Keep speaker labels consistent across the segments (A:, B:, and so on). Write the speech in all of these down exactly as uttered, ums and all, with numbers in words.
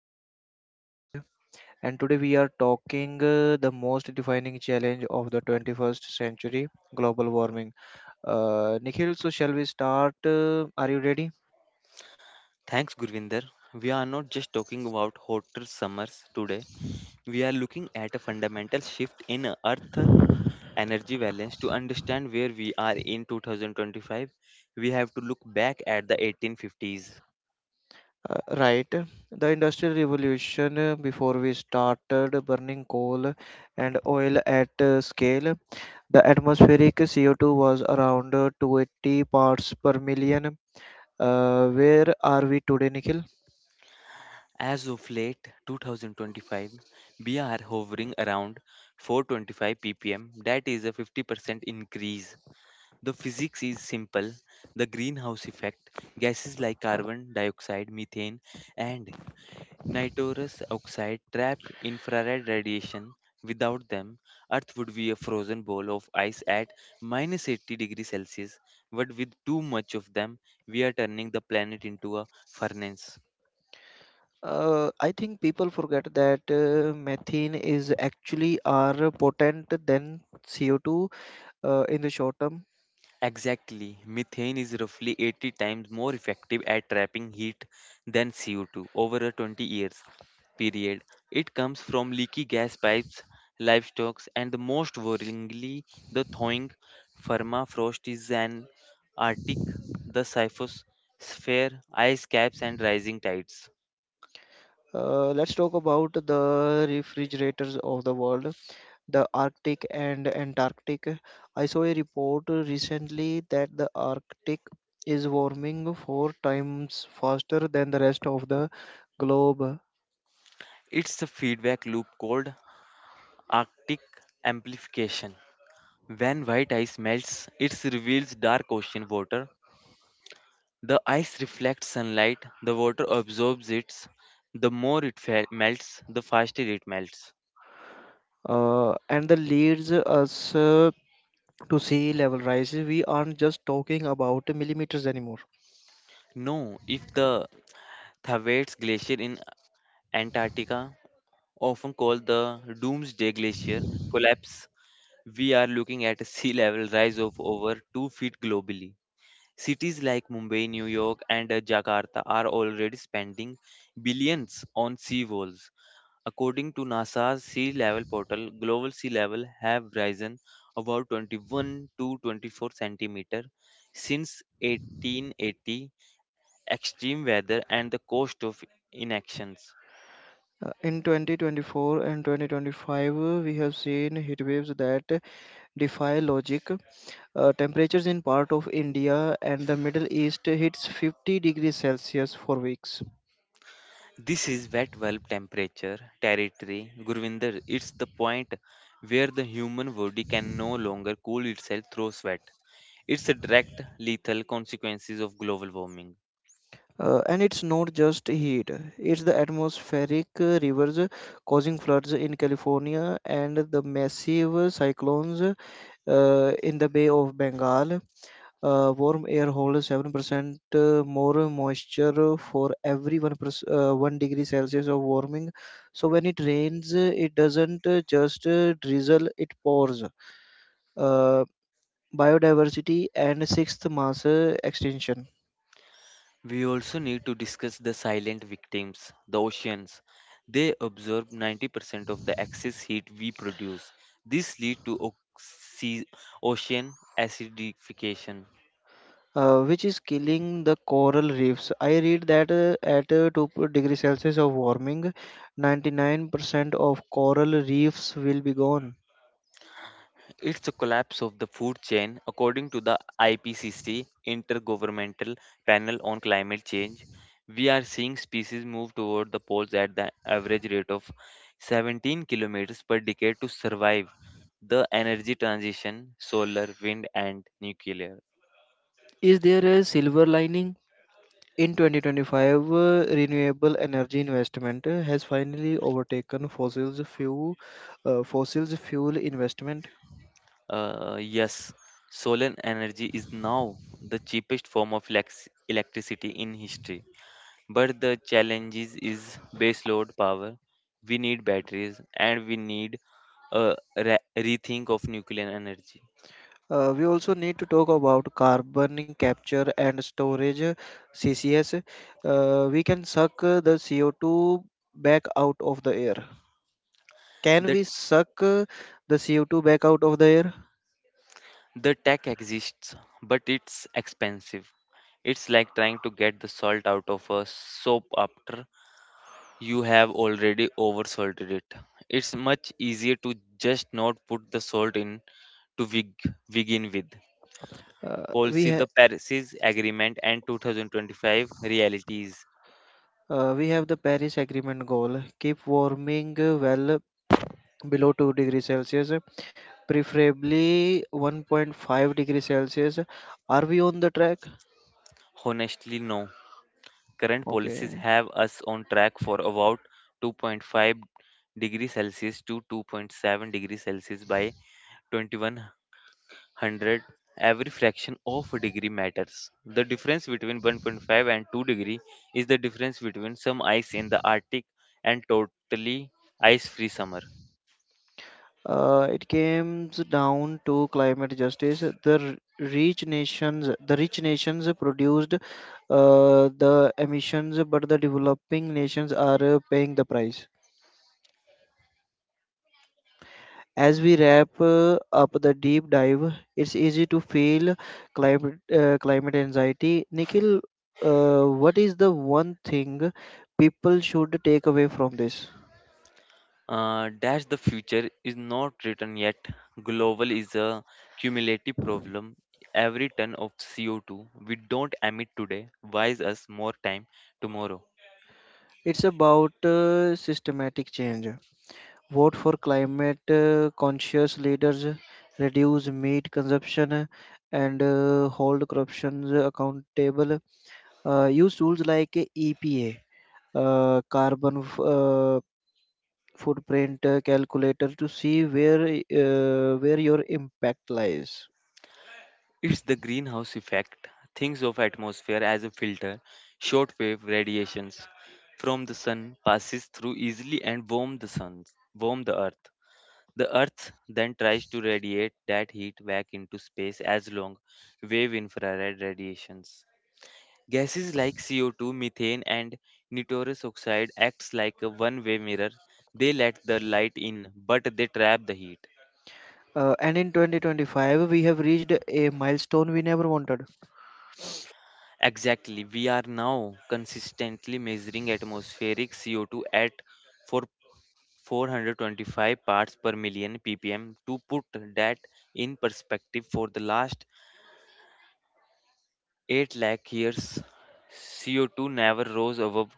A: co-host is Nikhil. And today we are talking uh, the most defining challenge of the twenty-first century, global warming. Uh, Nikhil, so shall we start? Uh, are you ready?
B: Thanks, Gurvinder. We are not just talking about hotter summers today. We are looking at a fundamental shift in Earth energy balance. To understand where we are in two thousand twenty-five, we have to look back at the eighteen fifties.
A: Uh, right. The Industrial Revolution, uh, before we started burning coal and oil at uh, scale, the atmospheric C O two was around uh, two hundred eighty parts per million. Uh, where are we today, Nikhil?
B: As of late twenty twenty-five, we are hovering around four hundred twenty-five ppm. That is a fifty percent increase. The physics is simple. The greenhouse effect, gases like carbon dioxide, methane, and Nitrous oxide trap infrared radiation. Without them, Earth would be a frozen ball of ice at minus eighty degrees Celsius. But with too much of them, we are turning the planet into a furnace.
A: Uh, I think people forget that uh, methane is actually are potent than C O two uh, in the short term.
B: Exactly. Methane is roughly eighty times more effective at trapping heat than C O two over a twenty years period. It comes from leaky gas pipes, livestock, and most worryingly, the thawing permafrost is an Arctic, the Siphosphere, ice caps, and rising tides.
A: Uh, let's talk about the refrigerators of the world, the Arctic and Antarctic. I saw a report recently that the Arctic is warming four times faster than the rest of the globe,
B: It's a feedback loop called Arctic amplification. When white ice melts, it reveals dark ocean water. The ice reflects sunlight, the water absorbs it. The more it fe- melts, the faster it melts.
A: uh, and that leads us uh, to sea level rise. We aren't just talking about millimeters anymore.
B: No, if the Thawette's Glacier in Antarctica, often called the Doomsday Glacier, collapse, we are looking at a sea level rise of over two feet globally. Cities like Mumbai, New York, and uh, Jakarta are already spending billions on sea walls. According to NASA's sea level portal, global sea level have risen about twenty-one to twenty-four centimeter since eighteen eighty. Extreme weather and the cost of inactions.
A: Uh, In twenty twenty-four and twenty twenty-five, uh, we have seen heat waves that defy logic. Uh, temperatures in part of India and the Middle East hits fifty degrees Celsius for weeks.
B: This is wet bulb temperature territory, Gurvinder. It's the point where the human body can no longer cool itself through sweat. It's a direct lethal consequences of global warming.
A: Uh, and it's not just heat; it's the atmospheric uh, rivers uh, causing floods in California and the massive cyclones uh, in the Bay of Bengal. Uh, warm air holds seven percent uh, more moisture for every one, perc- uh, one degree Celsius of warming. So when it rains, uh, it doesn't uh, just uh, drizzle, it pours. Uh, Biodiversity and sixth mass uh, extinction.
B: We also need to discuss the silent victims, the oceans. They absorb ninety percent of the excess heat we produce. This leads to oxy- ocean acidification.
A: Uh, which is killing the coral reefs. I read that uh, at uh, two degree Celsius of warming, ninety-nine percent of coral reefs will be gone.
B: It's a collapse of the food chain, according to the I P C C, Intergovernmental Panel on Climate Change. We are seeing species move toward the poles at the average rate of seventeen kilometers per decade to survive the energy transition, solar, wind, and nuclear.
A: Is there a silver lining? In twenty twenty-five, uh, renewable energy investment uh, has finally overtaken fossils fuel, uh, fossils fuel investment.
B: Uh, yes, solar energy is now the cheapest form of elec- electricity in history. But the challenges is base load power. We need batteries and we need a re- rethink of nuclear energy.
A: Uh, we also need to talk about carbon capture and storage, uh, C C S. Uh, we can suck uh, the C O two back out of the air. Can
B: The
A: we suck uh, the C O two back out of the air?
B: the tech exists, but it's expensive. It's like trying to get the salt out of a soap after you have already oversalted it. It's much easier to just not put the salt in to beg- begin with.
A: Uh, we
B: Policy,
A: ha-
B: the Paris Agreement, and twenty twenty-five realities.
A: uh, we have the Paris Agreement goal: keep warming uh, well below two degrees Celsius, preferably one point five degree Celsius. Are we on the track?
B: Honestly, no. Current policies
A: Okay.
B: have us on track for about two point five degree Celsius to two point seven degree Celsius by twenty-one hundred. Every fraction of a degree matters. The difference between one point five and two degree is the difference between some ice in the Arctic and totally ice free summer.
A: Uh, it comes down to climate justice. The r- rich nations the rich nations produced uh, the emissions, but the developing nations are uh, paying the price. As we wrap uh, up the deep dive, it's easy to feel climate uh, climate anxiety. Nikhil, uh, what is the one thing people should take away from this?
B: Uh, dash, the future is not written yet. Global is a cumulative problem. Every ton of C O two we don't emit today buys us more time tomorrow.
A: It's about uh, systematic change. Vote for climate uh, conscious leaders, reduce meat consumption, uh, and uh, hold corruption accountable. Uh, use tools like E P A, uh, carbon f- uh, footprint uh, calculator to see where uh, where your impact lies.
B: It's the greenhouse effect. Thinks of atmosphere as a filter. Shortwave radiations from the sun passes through easily and warm the sun, warm the earth. The earth then tries to radiate that heat back into space as long wave infrared radiations. Gases like C O two, methane, and nitrous oxide acts like a one-way mirror. They let the light in, but they trap the heat.
A: Uh, and in twenty twenty-five, we have reached a milestone we never wanted.
B: Exactly. We are now consistently measuring atmospheric C O two at for four hundred twenty-five parts per million ppm. To put that in perspective, for the last eight lakh years, C O two never rose above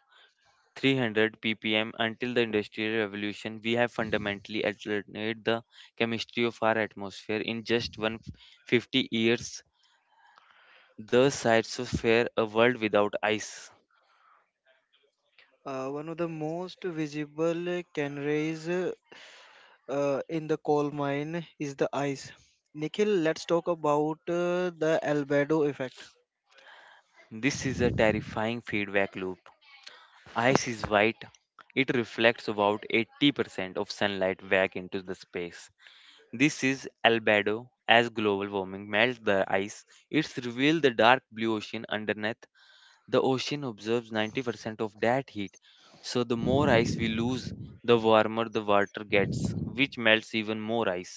B: three hundred ppm until the industrial revolution. We have fundamentally altered the chemistry of our atmosphere in just one hundred fifty years. The phytosphere, a world without ice.
A: Uh, one of the most visible canaries uh, uh, in the coal mine is the ice. Nikhil, let's talk about uh, the albedo effect.
B: This is a terrifying feedback loop. Ice is white. It reflects about eighty percent of sunlight back into the space. This is albedo. As global warming melts the ice, it's revealed the dark blue ocean underneath. The ocean absorbs ninety percent of that heat, so the more ice we lose, the warmer the water gets, which melts even more ice.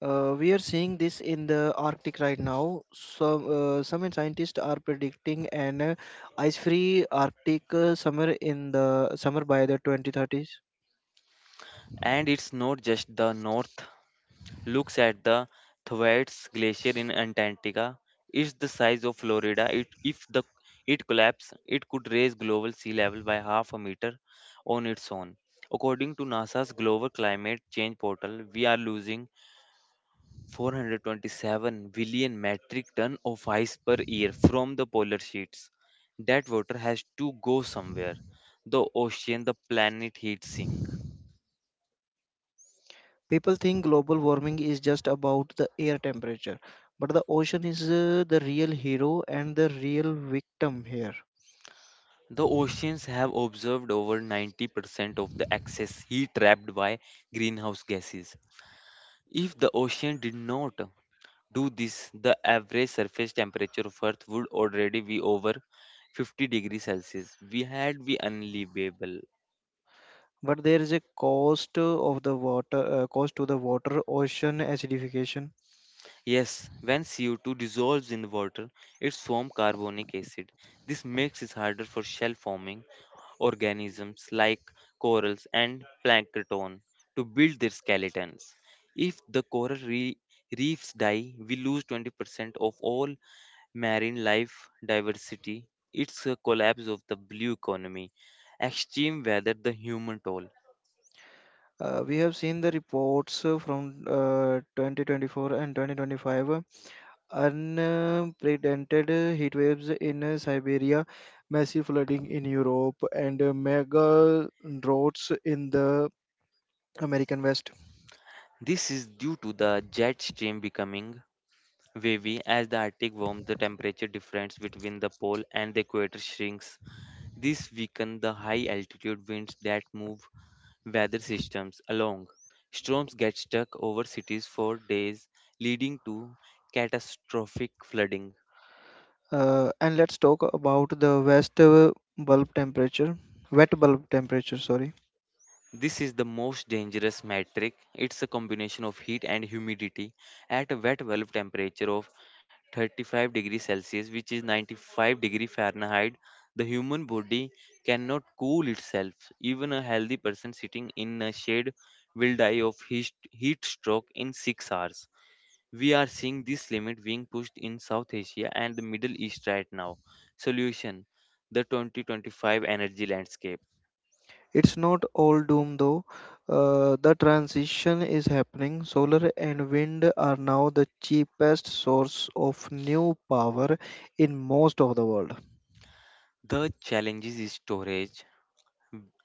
A: Uh, we are seeing this in the Arctic right now. Some uh, some scientists are predicting an uh, ice-free Arctic uh, summer in the summer by the twenty thirties.
B: And it's not just the north. Looks at the Thwaites Glacier in Antarctica. It's the size of Florida. It, if the it collapsed, it could raise global sea level by half a meter on its own. According to NASA's Global Climate Change Portal, we are losing four hundred twenty-seven billion metric ton of ice per year from the polar sheets. That water has to go somewhere. The ocean, the planet heat sink.
A: People think global warming is just about the air temperature, but the ocean is uh, the real hero and the real victim here.
B: The oceans have observed over ninety percent of the excess heat trapped by greenhouse gases. If the ocean did not do this, the average surface temperature of Earth would already be over fifty degrees Celsius. We had be unlivable.
A: But there is a cost uh, of the water uh, cost to the water, ocean acidification.
B: Yes, when C O two dissolves in the water, it forms carbonic acid. This makes it harder for shell forming organisms like corals and plankton to build their skeletons. If the coral re- reefs die, we lose twenty percent of all marine life diversity. It's a collapse of the blue economy, extreme weather, the human toll.
A: Uh, we have seen the reports uh, from uh, twenty twenty-four and twenty twenty-five, uh, unprecedented uh, heat waves in uh, Siberia, massive flooding in Europe, and uh, mega droughts in the American West.
B: This is due to the jet stream becoming wavy. As the Arctic warms, the temperature difference between the pole and the equator shrinks. This weakens the high altitude winds that move weather systems along. Storms get stuck over cities for days, leading to catastrophic flooding.
A: Uh, and let's talk about the west uh, bulb temperature wet bulb temperature sorry
B: This is the most dangerous metric. It's a combination of heat and humidity. At a wet bulb temperature of thirty-five degrees Celsius, which is ninety-five degree Fahrenheit, the human body cannot cool itself. Even a healthy person sitting in a shade will die of heat heat stroke in six hours. We are seeing this limit being pushed in South Asia and the Middle East right now. Solution. The twenty twenty-five energy landscape.
A: It's not all doom though. Uh, the transition is happening. Solar and wind are now the cheapest source of new power in most of the world.
B: The challenges is storage.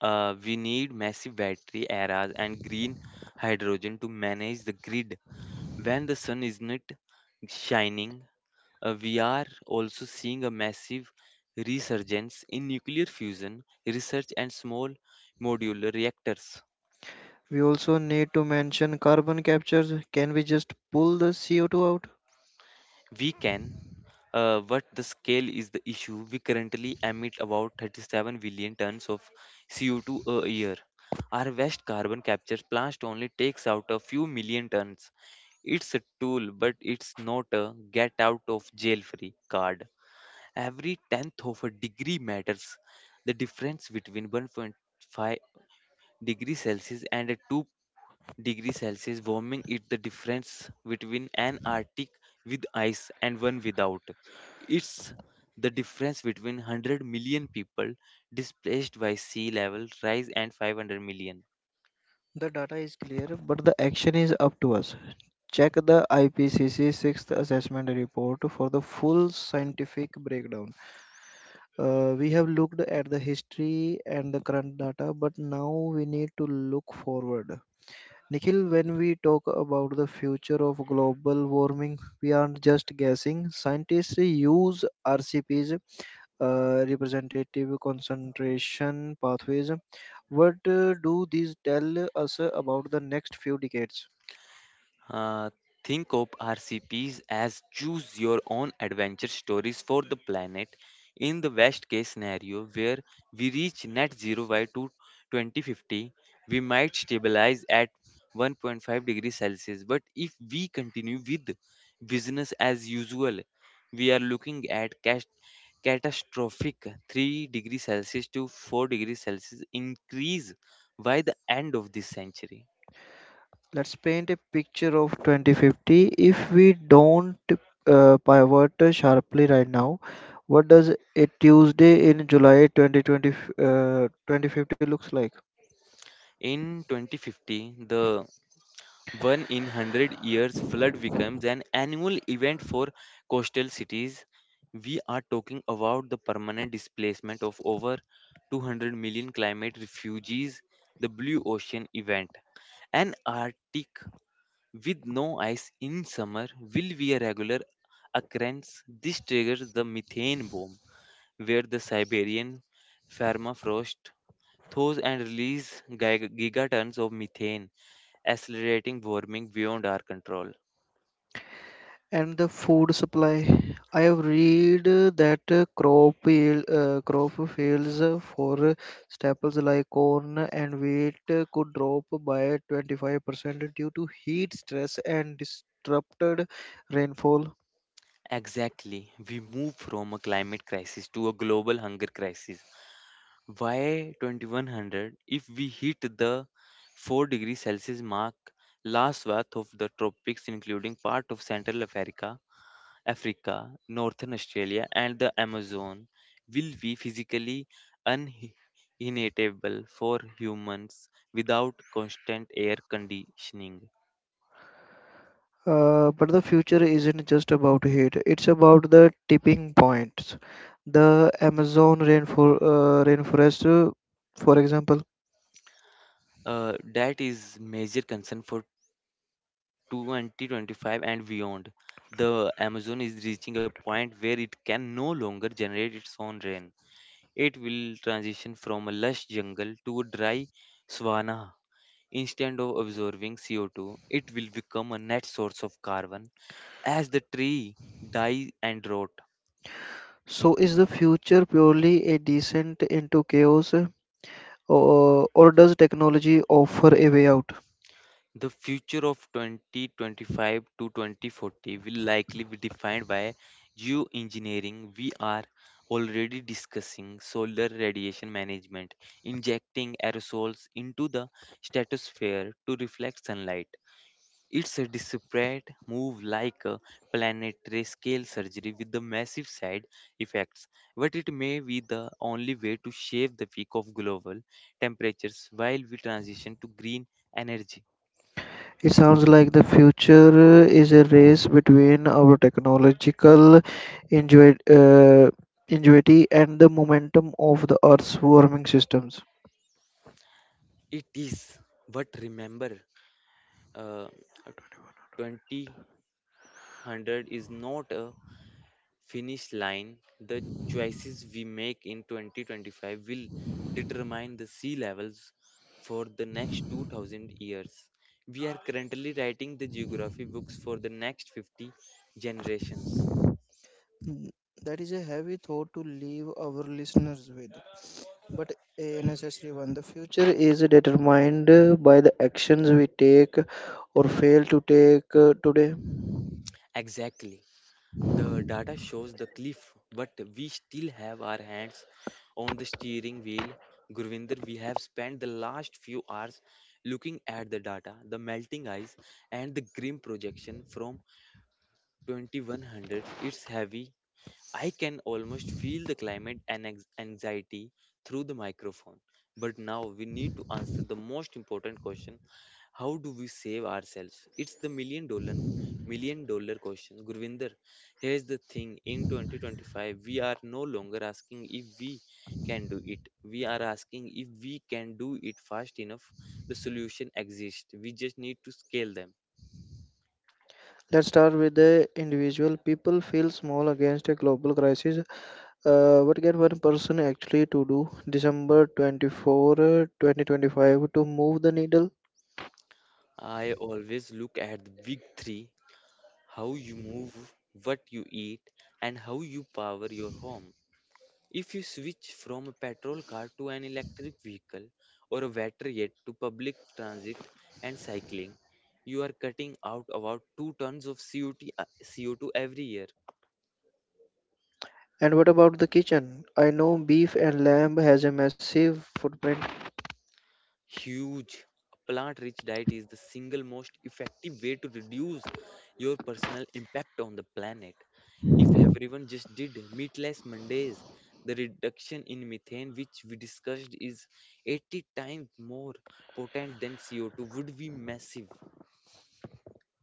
B: Uh, we need massive battery arrays and green hydrogen to manage the grid when the sun is not shining. Uh, we are also seeing a massive resurgence in nuclear fusion research and small modular reactors.
A: We also need to mention carbon capture. Can we just pull the C O two out?
B: We can, uh, but the scale is the issue. We currently emit about thirty-seven billion tons of C O two a year. Our West carbon capture plant only takes out a few million tons. It's a tool, but it's not a get out of jail free card. Every tenth of a degree matters. The difference between one point five degrees Celsius and a two degrees Celsius warming is the difference between an Arctic with ice and one without. It's the difference between one hundred million people displaced by sea level rise and five hundred million.
A: The data is clear, but the action is up to us. Check the I P C C sixth assessment report for the full scientific breakdown. Uh, we have looked at the history and the current data, but now we need to look forward. Nikhil, when we talk about the future of global warming, we aren't just guessing. Scientists use R C Ps, uh, representative concentration pathways. What uh, do these tell us about the next few decades?
B: Uh, think of R C Ps as choose your own adventure stories for the planet. In the worst case scenario, where we reach net zero by two- twenty fifty, we might stabilize at one point five degrees Celsius. But if we continue with business as usual, we are looking at cas- catastrophic three degrees Celsius to four degrees Celsius increase by the end of this century.
A: Let's paint a picture of twenty fifty if we don't uh, pivot sharply right now. What does a Tuesday in July twenty twenty uh, twenty fifty looks like?
B: In twenty fifty, the One in one hundred years flood becomes an annual event for coastal cities. We are talking about the permanent displacement of over two hundred million climate refugees, the blue ocean event. An Arctic with no ice in summer will be a regular occurrence. This triggers the methane bomb, where the Siberian permafrost thaws and releases giga- gigatons of methane, accelerating warming beyond our control.
A: And the food supply. I have read uh, that uh, crop yield, uh, crop fields uh, for uh, staples like corn and wheat uh, could drop by twenty-five percent due to heat stress and disrupted rainfall.
B: Exactly. We move from a climate crisis to a global hunger crisis. Why twenty-one hundred? If we hit the four degree Celsius mark, last swath of the tropics, including part of Central Africa, Africa, Northern Australia, and the Amazon, will be physically uninhabitable for humans without constant air conditioning.
A: Uh, but the future isn't just about heat, it's about the tipping points. The Amazon rainfor uh, rainforest, uh, for example.
B: Uh, that is major concern for twenty twenty-five and beyond. The Amazon is reaching a point where it can no longer generate its own rain. It will transition from a lush jungle to a dry savanna. Instead of absorbing C O two, it will become a net source of carbon as the tree dies and rot.
A: So, is the future purely a descent into chaos, uh, or, uh, or does technology offer a way out?
B: The future of twenty twenty-five to twenty forty will likely be defined by geoengineering. We are already discussing solar radiation management, injecting aerosols into the stratosphere to reflect sunlight. It's a desperate move, like a planetary scale surgery with the massive side effects, but it may be the only way to shave the peak of global temperatures while we transition to green energy.
A: It sounds like the future uh, is a race between our technological ingenuity uh, ingenuity and the momentum of the Earth's warming systems.
B: It is, but remember, uh, two thousand is not a finish line. The choices we make in twenty twenty-five will determine the sea levels for the next two thousand years. We are currently writing the geography books for the next fifty generations.
A: Mm, That is a heavy thought to leave our listeners with, but a necessary one. The future is determined uh, by the actions we take or fail to take uh, today.
B: Exactly. The data shows the cliff, but we still have our hands on the steering wheel. Gurvinder, we have spent the last few hours looking at the data, the melting ice, and the grim projection from twenty-one hundreds. It's heavy. I can almost feel the climate and anx- anxiety through the microphone. But now we need to answer the most important question: how do we save ourselves? It's the million dollar million dollar question. Gurvinder, here's the thing: in twenty twenty-five we are no longer asking if we can do it. We are asking if we can do it fast enough. The solution exists. We just need to scale them.
A: Let's start with the individual. People feel small against a global crisis. Uh, what can one person actually to do December twenty-fourth twenty twenty-five to move the needle?
B: I always look at the big three: how you move, what you eat, and how you power your home. If you switch from a petrol car to an electric vehicle, or a better yet to public transit and cycling, you are cutting out about two tons of C O two, uh, C O two every year.
A: And what about the kitchen? I know beef and lamb has a massive footprint.
B: Huge. A plant rich diet is the single most effective way to reduce your personal impact on the planet. If everyone just did meatless Mondays, the reduction in methane, which we discussed, is eighty times more potent than C O two, would be massive.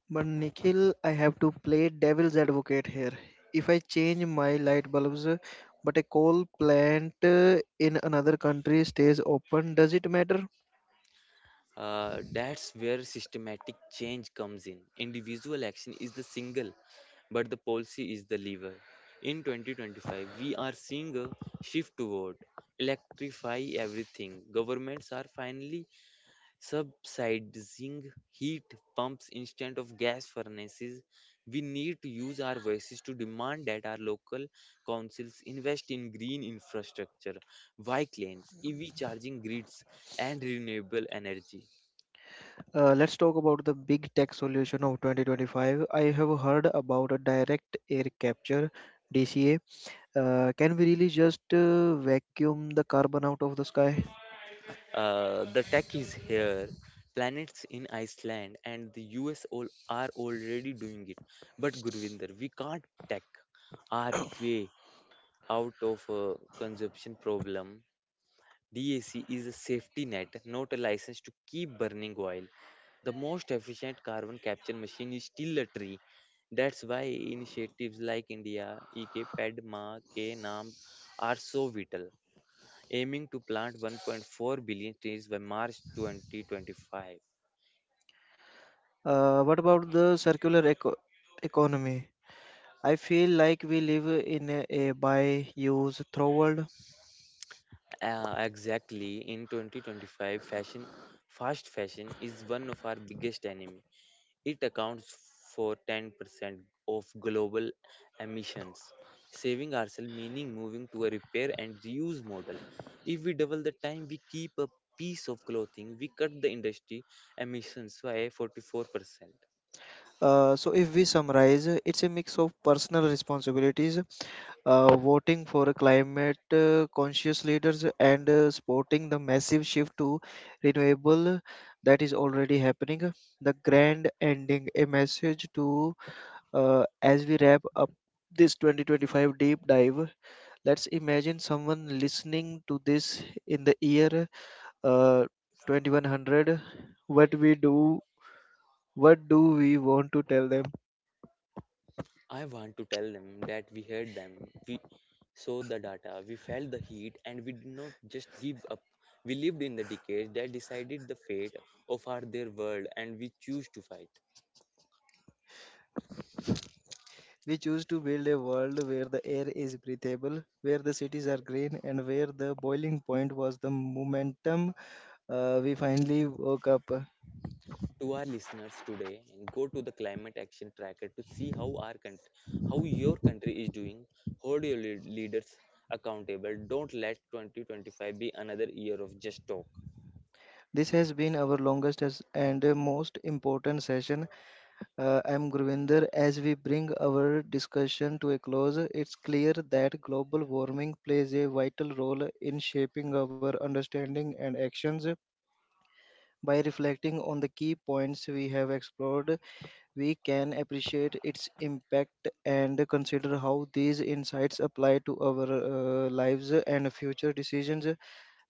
A: But Nikhil, I have to play devil's advocate here. If I change my light bulbs, uh, but a coal plant uh, in another country stays open, does it matter?
B: Uh, that's where systematic change comes in. Individual action is the single, but the policy is the lever. In twenty twenty-five, we are seeing a shift toward electrify everything. Governments are finally subsidizing heat pumps instead of gas furnaces. We need to use our voices to demand that our local councils invest in green infrastructure, bike lanes, E V charging grids, and renewable energy.
A: Uh, let's talk about the big tech solution of twenty twenty-five. I have heard about a direct air capture D C A. Uh, can we really just uh, vacuum the carbon out of the sky?
B: Uh, the tech is here. Planets in Iceland and the U S all are already doing it. But Gurvinder, we can't tech our way out of a consumption problem. D A C is a safety net, not a license to keep burning oil. The most efficient carbon capture machine is still a tree. That's why initiatives like India, E K, PEDMA, K NAM are so vital, aiming to plant one point four billion trees by March twenty twenty-five.
A: Uh, what about the circular eco- economy? I feel like we live in a, a buy, use, throw world.
B: Uh, exactly, in twenty twenty-five fashion, fast fashion is one of our biggest enemy. It accounts for ten percent of global emissions. Saving ourselves meaning moving to a repair and reuse model. If we double the time we keep a piece of clothing, we cut the industry emissions by forty-four percent.
A: Uh, so if we summarize, uh, it's a mix of personal responsibilities, uh, voting for climate uh, conscious leaders, and uh, supporting the massive shift to renewable that is already happening. The grand ending, a message to uh, as we wrap up this twenty twenty-five deep dive. Let's imagine someone listening to this in the year uh, twenty-one hundred. What we do? What do we want to tell them?
B: I want to tell them that we heard them, we saw the data, we felt the heat, and we did not just give up. We lived in the decades that decided the fate of our their world, and we choose to fight.
A: We choose to build a world where the air is breathable, where the cities are green, and where the boiling point was the momentum uh, we finally woke up.
B: To our listeners today, go to the climate action tracker to see how our country, how your country is doing. Hold your lead- leaders accountable. Don't let twenty twenty-five be another year of just talk.
A: This has been our longest as- and uh, most important session. Uh, I'm Gurvinder. As we bring our discussion to a close, it's clear that global warming plays a vital role in shaping our understanding and actions. By reflecting on the key points we have explored, we can appreciate its impact and consider how these insights apply to our uh, lives and future decisions.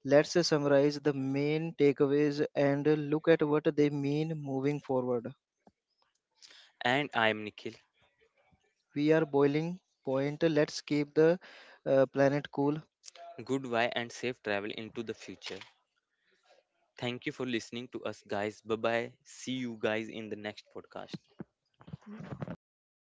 A: Let's summarize the main takeaways and look at what they mean moving forward.
B: And I am Nikhil.
A: We are boiling point. Let's keep the uh, planet cool.
B: Goodbye and safe travel into the future. Thank you for listening to us, guys. Bye bye. See you guys in the next podcast.